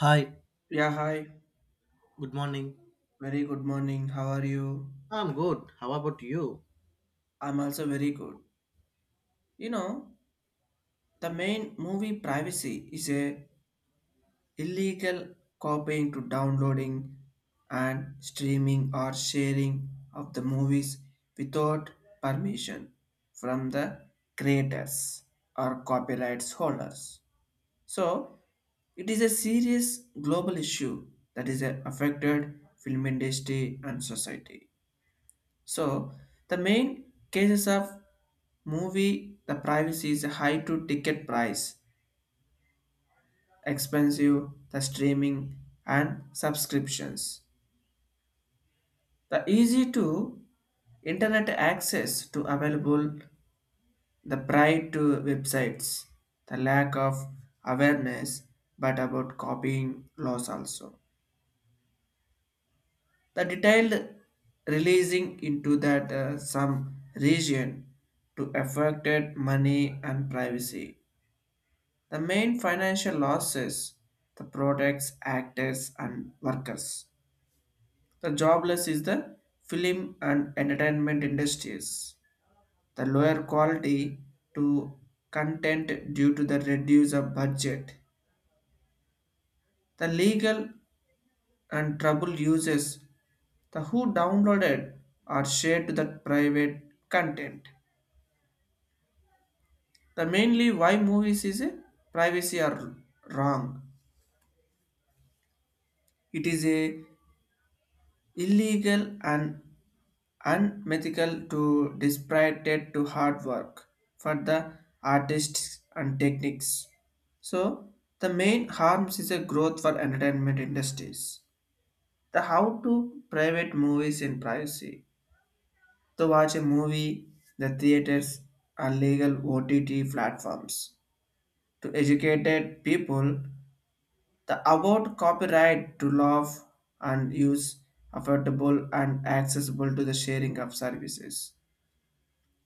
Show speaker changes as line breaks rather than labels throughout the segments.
Hi,
Yeah, hi.
good morning.
Very good morning. How are you?
I'm good. How about you?
I'm also very good. You know, the main movie privacy is a illegal copying to downloading and streaming or sharing of the movies without permission from the creators or copyrights holders. So, it is a serious global issue that is affected film industry and society. So the main cases of movie the privacy is high to ticket price, expensive the streaming and subscriptions. The easy to internet access to available the pride to websites, the lack of awareness but about copying laws also. The detailed releasing into that some region to affected money and privacy. The main financial loss is the products, actors, and workers. The jobless is the film and entertainment industries. The lower quality to content due to the reduced budget. The legal and trouble uses the who downloaded or shared to the private content. The mainly why movies is a privacy are wrong. It is a illegal and unmethical to disparate to hard work for the artists and techniques. So the main harms is a growth for entertainment industries. The how to private movies in privacy. To watch a movie, the theaters are legal OTT platforms. To educated people, the about copyright to love and use affordable and accessible to the sharing of services.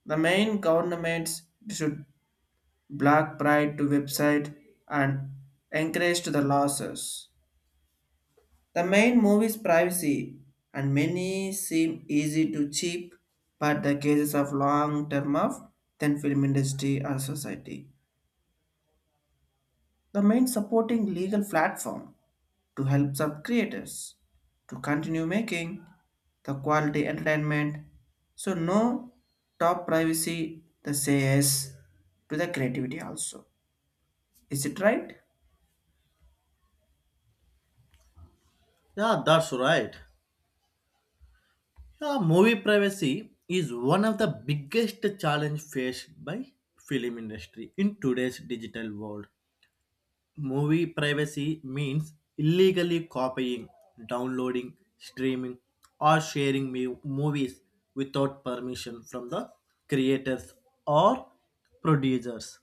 The main governments should block pride to website and encourage to the losses. The main movies privacy and many seem easy to cheap, but the cases of long term of then film industry or society. The main supporting legal platform to help sub creators to continue making the quality entertainment. So no top privacy the says to the creativity also. Is it right?
Yeah, that's right. Yeah, movie privacy is one of the biggest challenge faced by film industry in today's digital world. Movie privacy means illegally copying, downloading, streaming, or sharing movies without permission from the creators or producers.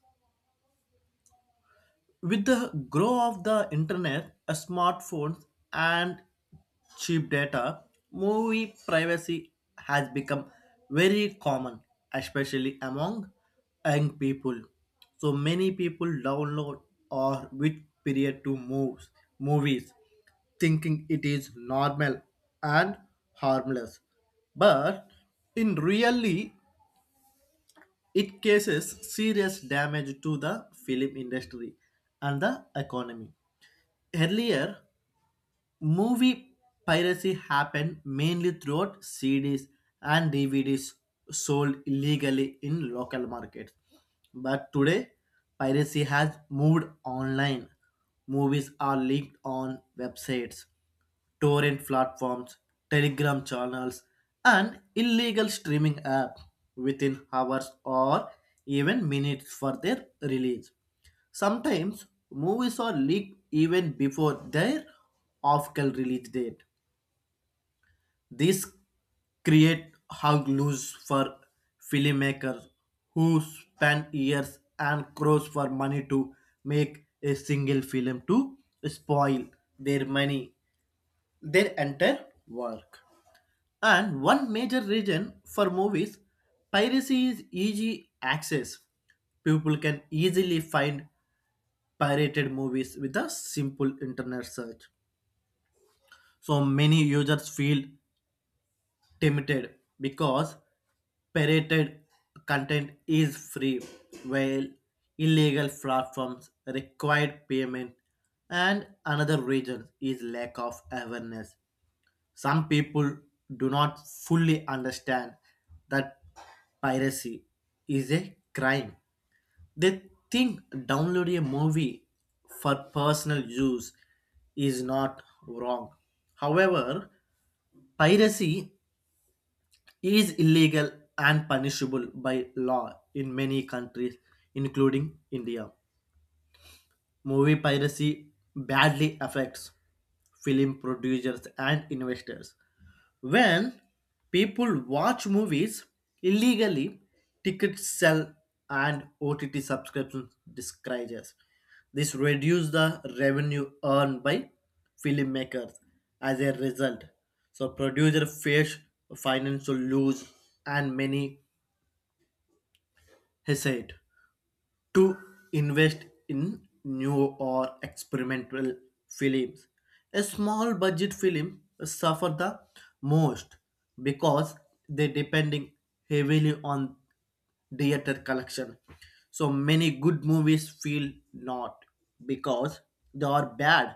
With the growth of the internet, smartphones, and cheap data, movie privacy has become very common, especially among young people. So many people download or wait period to movies, thinking it is normal and harmless. But in really, it causes serious damage to the film industry and the economy. Earlier, movie piracy happened mainly throughout CDs and DVDs sold illegally in local markets. But today, piracy has moved online. Movies are leaked on websites, torrent platforms, Telegram channels, and illegal streaming apps within hours or even minutes for their release. Sometimes movies are leaked even before their official release date. This create hug loose for filmmakers who spend years and crores for money to make a single film to spoil their money, their entire work. And one major reason for movies piracy is easy access. People can easily find pirated movies with a simple internet search. So many users feel tempted because pirated content is free, while illegal platforms require payment. And another reason is lack of awareness. Some people do not fully understand that piracy is a crime. They think downloading a movie for personal use is not wrong. However, piracy is illegal and punishable by law in many countries, including India. Movie piracy badly affects film producers and investors. When people watch movies illegally, tickets sell and OTT subscription discourages. This reduces the revenue earned by filmmakers. As a result, so producers face financial lose and many hesitate to invest in new or experimental films. A small budget film suffer the most because they depending heavily on theater collection. So many good movies feel not because they are bad,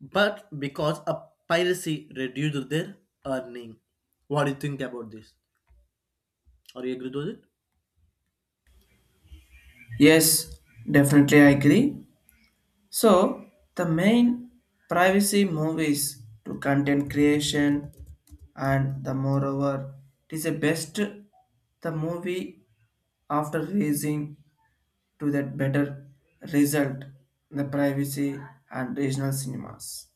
but because a piracy reduced their earning. What do you think about this? Are you agree with it?
Yes, definitely I agree. So, the main privacy movies to content creation and the moreover it is the best the movie after releasing to that better result in the privacy and regional cinemas.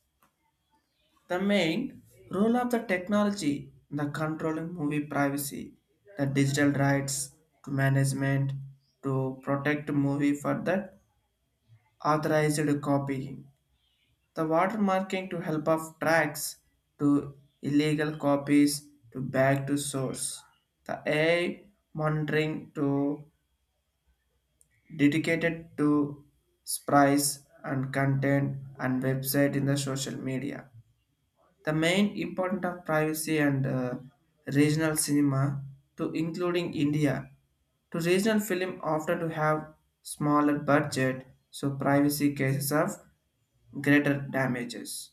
The main role of the technology in the controlling movie privacy, the digital rights to management to protect movie for that authorized copying. The watermarking to help of tracks to illegal copies to back to source. The AI monitoring to dedicated to sprites and content and website in the social media. The main important of privacy and regional cinema to including India to regional film often to have smaller budget so privacy cases of greater damages.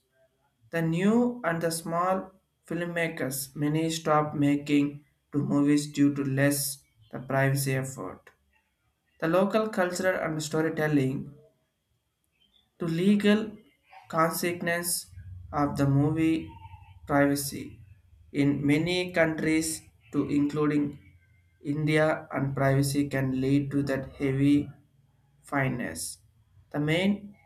The new and the small filmmakers many stop making to movies due to less the privacy effort. The local culture and storytelling to legal consequence of the movie privacy in many countries to including India and privacy can lead to that heavy fineness. The main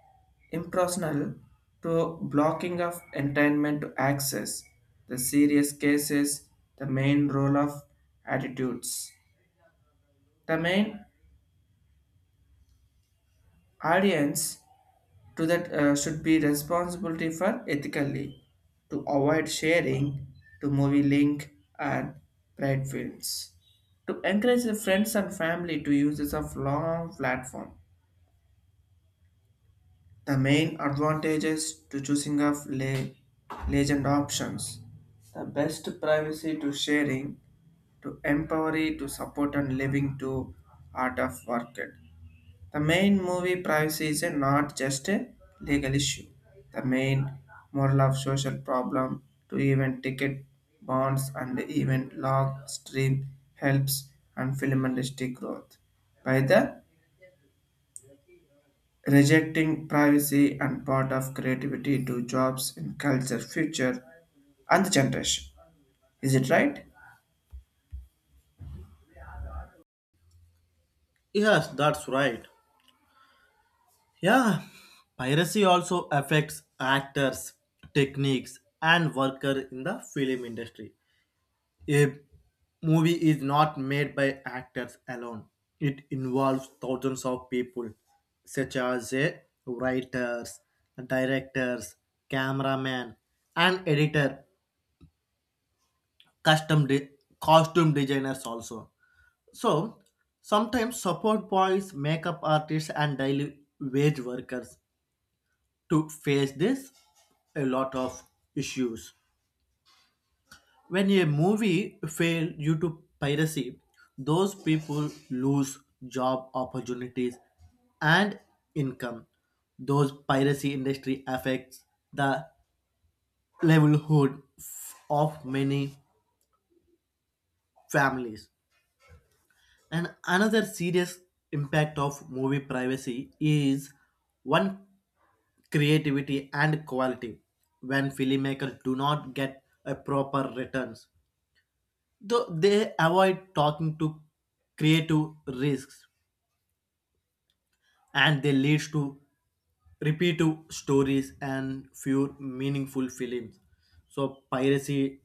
impersonal to blocking of entertainment to access the serious cases, the main role of attitudes, the main audience to that should be responsibility for ethically to avoid sharing to movie link and pride films to encourage the friends and family to use this of long platform. The main advantages to choosing of legend options. The best privacy to sharing, to empowery, to support and living to art of work. The main movie privacy is a not just a legal issue. The main moral of social problem to even ticket bonds and even log stream helps and film industry growth. By the rejecting privacy and part of creativity to jobs in culture, future, and the generation. Is it right?
Yes, that's right. Yeah, piracy also affects actors, techniques, and worker in the film industry. A movie is not made by actors alone. It involves thousands of people, such as writers, directors, cameraman, and editor, custom de- costume designers also. So sometimes support boys, makeup artists, and daily wage workers to face this a lot of issues when a movie fails due to piracy, those people lose job opportunities and income. Those piracy industry affects the livelihood of many families, and another serious impact of movie privacy is one creativity and quality. When filmmakers do not get a proper returns, though they avoid talking to creative risks and they leads to repetitive stories and fewer meaningful films. So piracy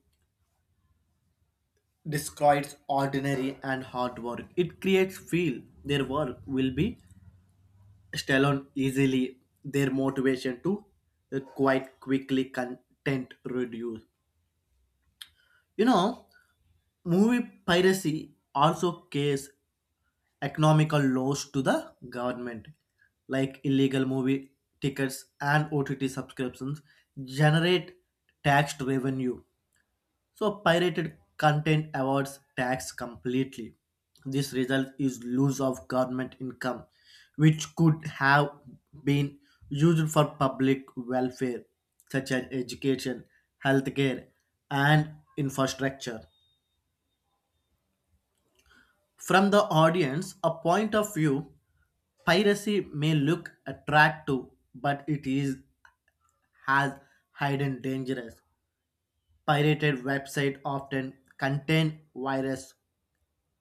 destroys ordinary and hard work. It creates feel their work will be stolen easily. Their motivation to quite quickly content reduce. You know, movie piracy also case economical loss to the government, like illegal movie tickets and OTT subscriptions, generate taxed revenue. So, pirated content avoids tax completely. This result is loss of government income, which could have been used for public welfare, such as education, healthcare, and infrastructure. From the audience, a point of view, piracy may look attractive, but it is has hidden dangers. Pirated websites often contain virus,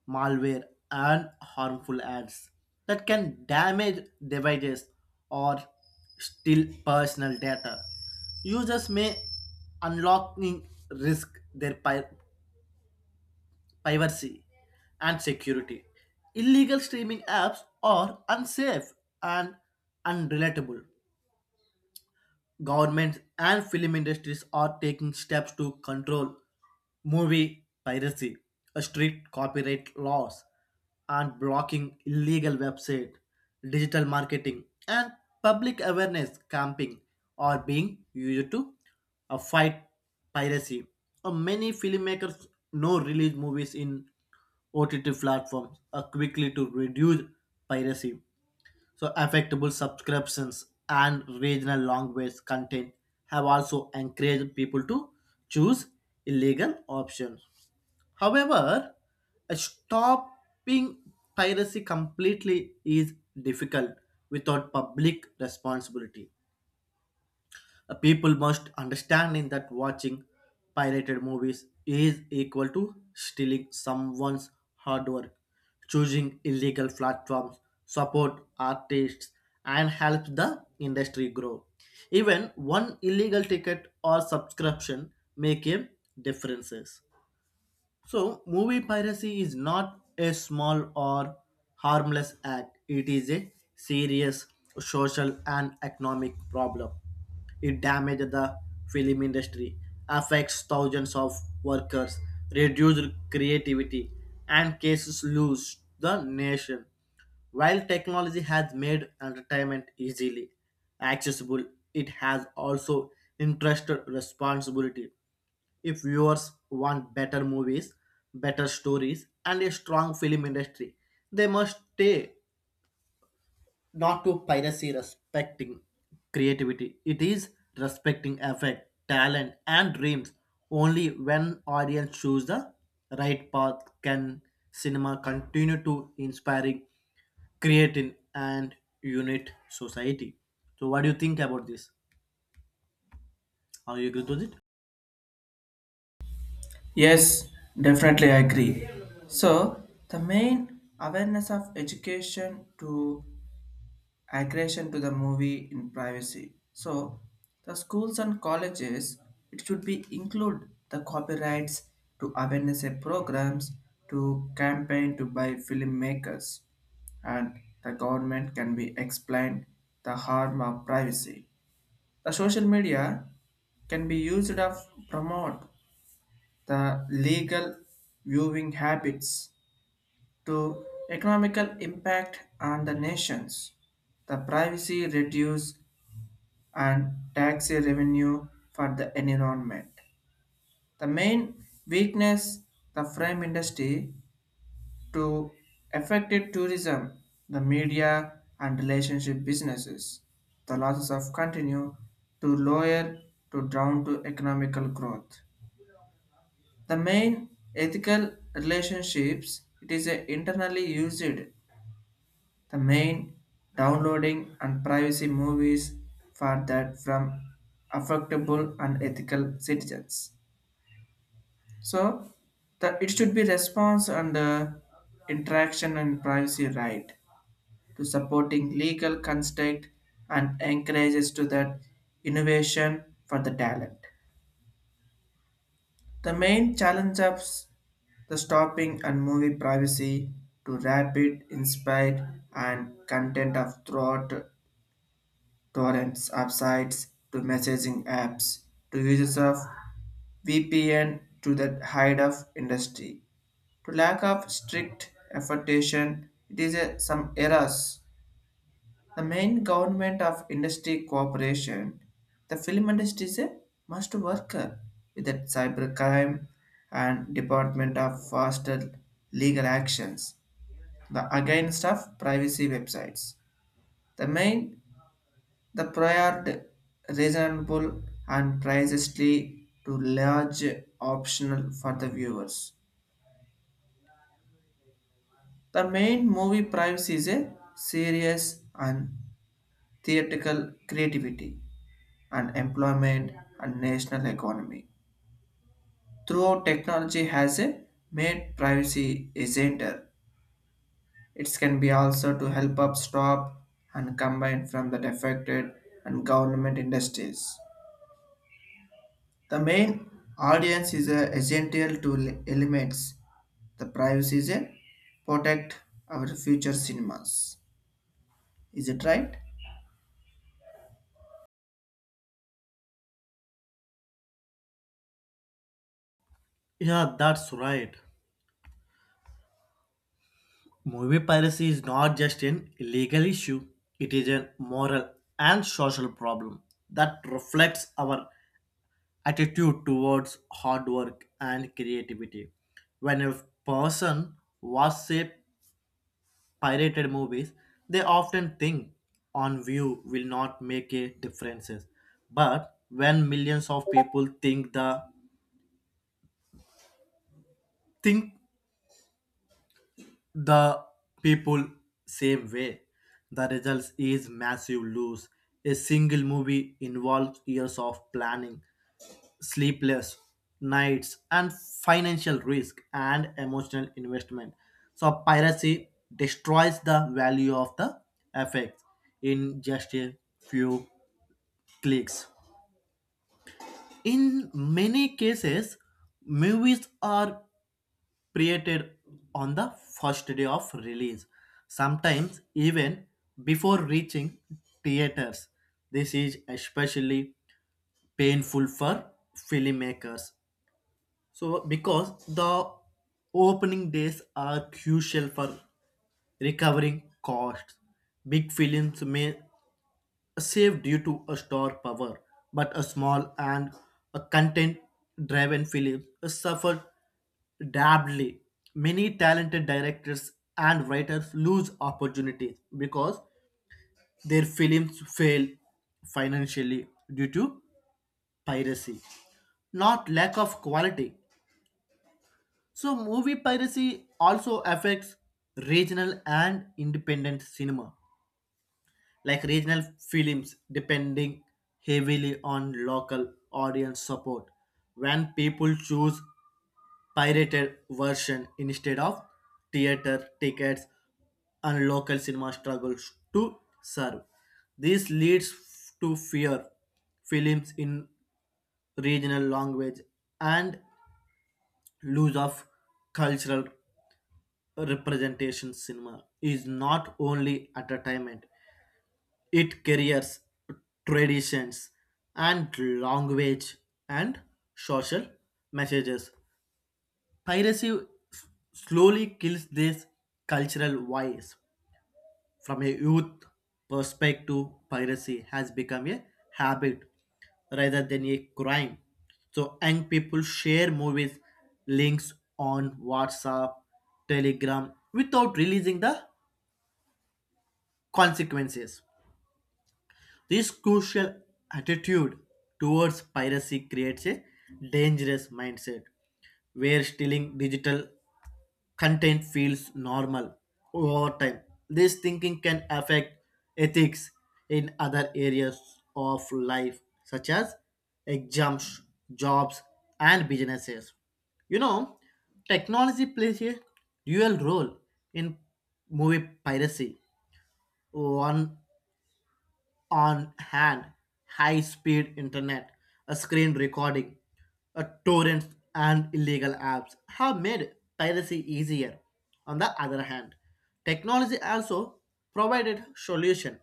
malware, and harmful ads that can damage devices or steal personal data. Users may unlocking risk their privacy, and security. Illegal streaming apps are unsafe and unrelatable. Governments and film industries are taking steps to control movie piracy, strict copyright laws, and blocking illegal website, digital marketing, and public awareness camping are being used to fight piracy. Many filmmakers no release movies in OTT platforms quickly to reduce piracy. So affectable subscriptions and regional language content have also encouraged people to choose illegal options. However, stopping piracy completely is difficult without public responsibility. People must understand in that watching pirated movies is equal to stealing someone's hard work. Choosing illegal platforms support artists and helps the industry grow. Even one illegal ticket or subscription make a differences. So, movie piracy is not a small or harmless act, it is a serious social and economic problem. It damages the film industry, affects thousands of workers, reduces creativity, and cases lose the nation. While technology has made entertainment easily accessible, it has also entrusted responsibility. If viewers want better movies, better stories, and a strong film industry, they must stay not to piracy respecting creativity. It is respecting effect, talent, and dreams. Only when audience choose the right path can cinema continue to inspiring, creating, and unite society. So, what do you think about this? Are you agree with it?
Yes, definitely I agree. So, the main awareness of education to aggression to the movie in privacy. So the schools and colleges it should be include the copyrights to awareness programs to campaign to by filmmakers and the government can be explained the harm of privacy. The social media can be used to promote the legal viewing habits to economical impact on the nations. The privacy reduce and tax revenue for the environment. The main weakness the frame industry to affected tourism, the media and relationship businesses. The losses of continue to lower to down to economical growth. The main ethical relationships it is a internally used. The main downloading and privacy movies for that from affectable and ethical citizens. So that it should be response and interaction and privacy right to supporting legal construct and encourages to that innovation for the talent. The main challenge of the stopping and movie privacy to rapid, inspired and content of throughout torrents of sites to messaging apps to uses of VPN to the hide of industry to lack of strict effortation it is a, some errors, the main government of industry cooperation, the film industry is a must work with the cybercrime and department of faster legal actions the against of privacy websites. The main, the prior reasonable and precisely to large optional for the viewers. The main movie price is a serious and theatrical creativity and employment and national economy. Throughout technology has a made privacy agenda. It can be also to help up stop and combine from the affected and government industries. The main audience is a essential to elements. The privacy is a protect our future cinemas. Is it right?
Yeah, that's right. Movie piracy is not just an legal issue, it is a moral and social problem that reflects our attitude towards hard work and creativity. When a person watches pirated movies, they often think on view will not make a difference. But when millions of people think the people same way. The results is massive lose. A single movie involves years of planning, sleepless nights, and financial risk and emotional investment. So piracy destroys the value of the effects in just a few clicks. In many cases, movies are created on the first day of release, sometimes even before reaching theaters. This is especially painful for filmmakers. So, because the opening days are crucial for recovering costs, big films may saved due to a store power, but a small and a content-driven film suffered. Dably, many talented directors and writers lose opportunities because their films fail financially due to piracy, not lack of quality. So, movie piracy also affects regional and independent cinema. Like regional films depending heavily on local audience support, when people choose pirated version instead of theater tickets and local cinema struggles to serve, this leads to fear films in regional language and loss of cultural representation. Cinema is not only entertainment. It carries traditions and language and social messages. Piracy s- Slowly kills these cultural vice. From a youth perspective, piracy has become a habit rather than a crime. So young people share movies links on WhatsApp, Telegram without releasing the consequences. This crucial attitude towards piracy creates a dangerous mindset where stealing digital content feels normal over time. This thinking can affect ethics in other areas of life, such as exams, jobs, and businesses. You know, technology plays a dual role in movie piracy. One on hand, high speed internet, a screen recording, a torrent, and illegal apps have made piracy easier. On the other hand, technology also provided solution,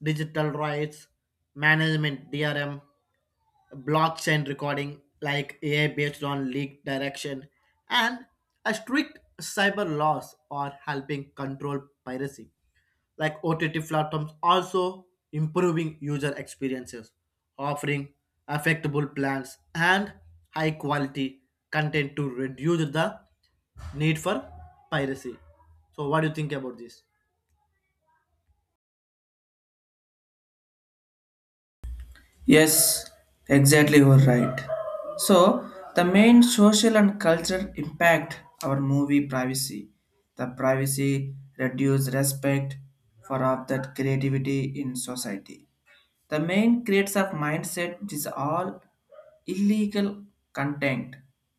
digital rights, management DRM, blockchain recording like AI based on leak direction, and a strict cyber laws are helping control piracy. Like OTT platforms also improving user experiences, offering affectable plans and high quality content to reduce the need for piracy. So what do you think about this?
Yes, exactly you are right. So the main social and cultural impact our movie privacy. The privacy reduce respect for of that creativity in society. The main creates of mindset is all illegal content.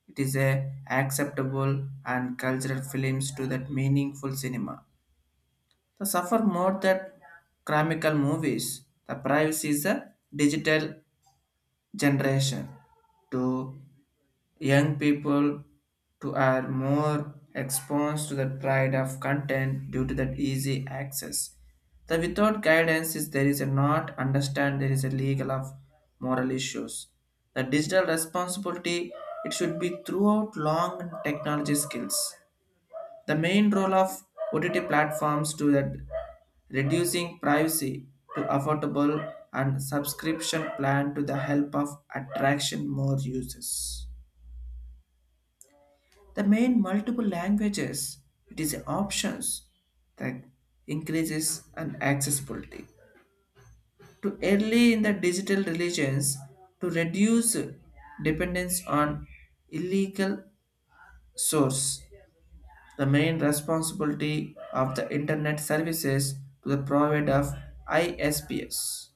It is a acceptable and cultural films to that meaningful cinema. The suffer more than chromical movies. The privacy is a digital generation to young people to are more exposed to the pride of content due to that easy access. The without guidance is there is a not understand there is a legal of moral issues. The digital responsibility it should be throughout long technology skills. The main role of OTT platforms to that reducing privacy to affordable and subscription plan to the help of attraction more users. The main multiple languages, it is options that increases and accessibility to early in the digital religions to reduce dependence on illegal source. The main responsibility of the internet services to the provider of ISPS.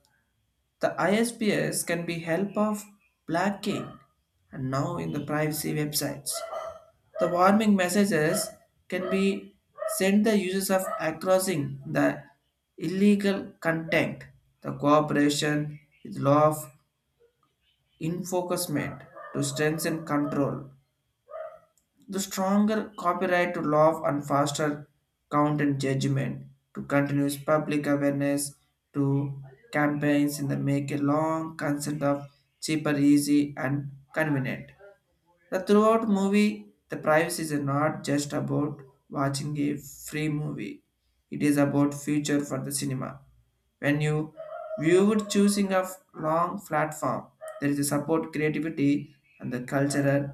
The ISPS can be help of blocking and now in the privacy websites. The warming messages can be sent the users of accessing the illegal content. The cooperation with law of enforcement to strengthen control. The stronger copyright to law and faster count and judgment to continuous public awareness to campaigns in the make a long consent of cheaper, easy and convenient. The throughout movie, the privacy is not just about watching a free movie. It is about future for the cinema. When you viewed choosing a long platform, there is a support creativity and the cultural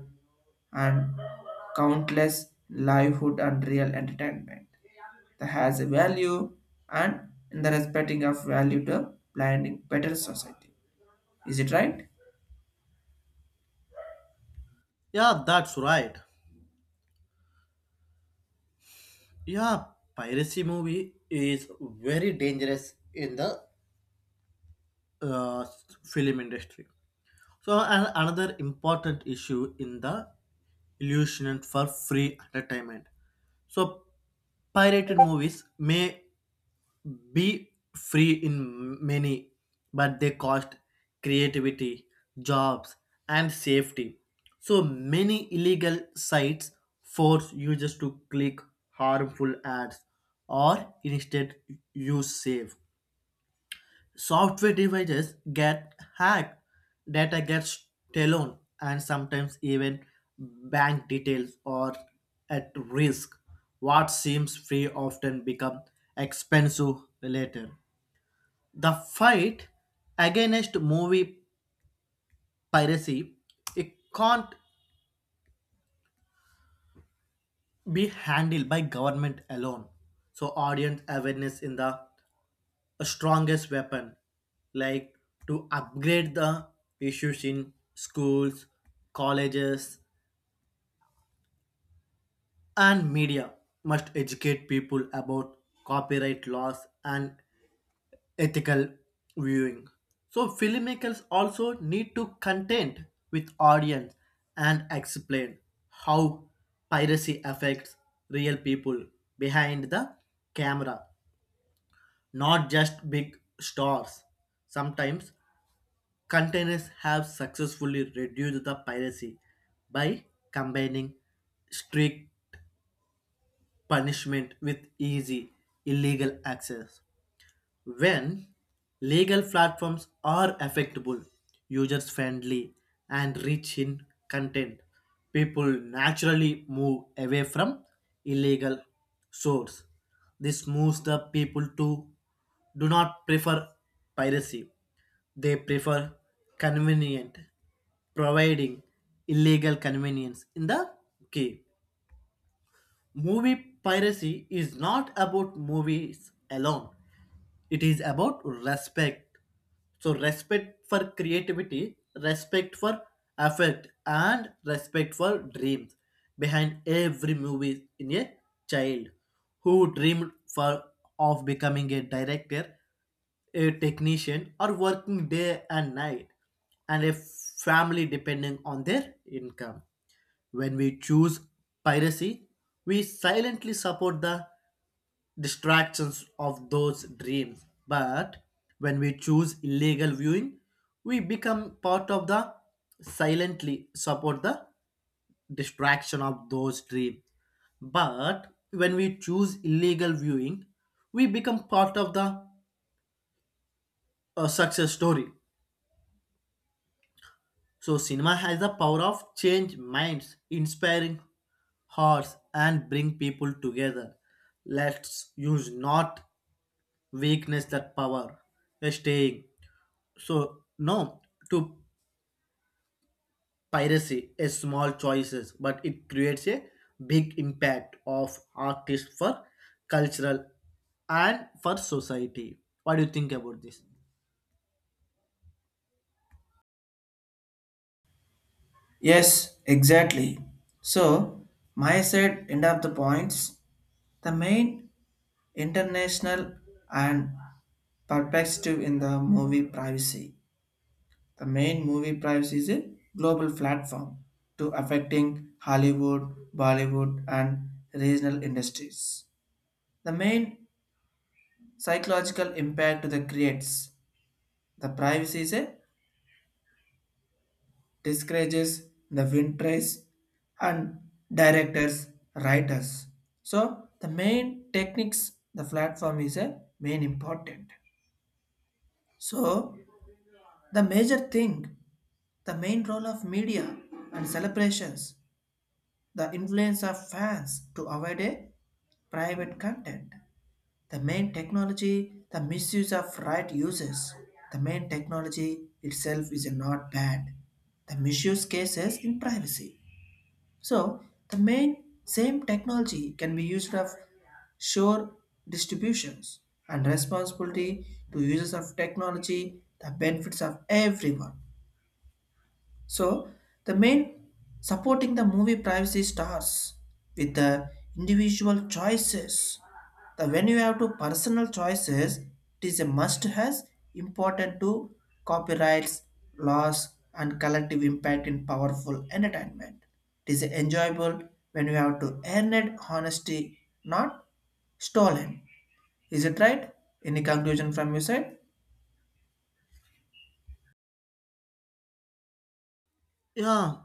and countless livelihood and real entertainment that has a value and in the respecting of value to blinding better society. Is it right?
Yeah, that's right. Yeah, piracy movie is very dangerous in the uh, film industry. So another important issue in the illusion for free entertainment. So pirated movies may be free in many, but they cost creativity, jobs, and safety. So many illegal sites force users to click harmful ads or instead use save. Software devices get hacked, data gets stolen, and sometimes even bank details are at risk. What seems free often become expensive later. The fight against movie piracy it can't be handled by government alone. So audience awareness in the strongest weapon, like to upgrade the issues in schools, colleges, and media must educate people about copyright laws and ethical viewing. So filmmakers also need to content with audience and explain how piracy affects real people behind the camera, not just big stars. Sometimes containers have successfully reduced the piracy by combining strict punishment with easy illegal access. When legal platforms are affectable, users friendly, and rich in content, people naturally move away from illegal source. This moves the people to do not prefer piracy, they prefer convenient, providing illegal convenience in the key. Movie piracy is not about movies alone, it is about respect. So respect for creativity, respect for effort, and respect for dreams behind every movie in a child who dreamed for of becoming a director, a technician or working day and night, and a family depending on their income. When we choose piracy, we silently support the distractions of those dreams. But when we choose illegal viewing, we become part of the silently support the distraction of those dreams. But when we choose illegal viewing, we become part of the success story. So cinema has the power of change minds, inspiring hearts, and bring people together. Let's use not weakness that power. Staying so no to piracy a small choices, but it creates a big impact of artists for cultural and for society. What do you think about this?
Yes, exactly. So, my side end up the points. The main international and perspective in the movie privacy. The main movie privacy is a global platform to affecting Hollywood, Bollywood, and regional industries. The main psychological impact to the creates. The privacy is a discourages the writers and directors, writers. So the main techniques the platform is a main important. So the major thing, the main role of media and celebrations, the influence of fans to avoid a private content. The main technology, the misuse of right uses. The main technology itself is not bad. The misuse cases in privacy. So the main same technology can be used of sure distributions and responsibility to users of technology, the benefits of everyone. So the main supporting the movie privacy stars with the individual choices. The when you have to personal choices, it is a must has important to copyrights, laws and collective impact in powerful entertainment. It is enjoyable when you have to earn it honesty, not stolen. Is it right? Any conclusion from your side?
Yeah,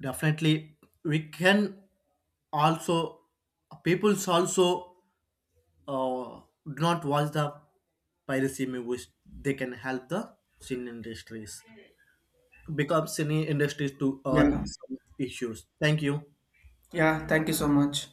definitely. We can also people's also do not watch the piracy movies. They can help the cine industries become cine industries to earn
Yeah.
some issues. Thank you.
Yeah, thank you so much.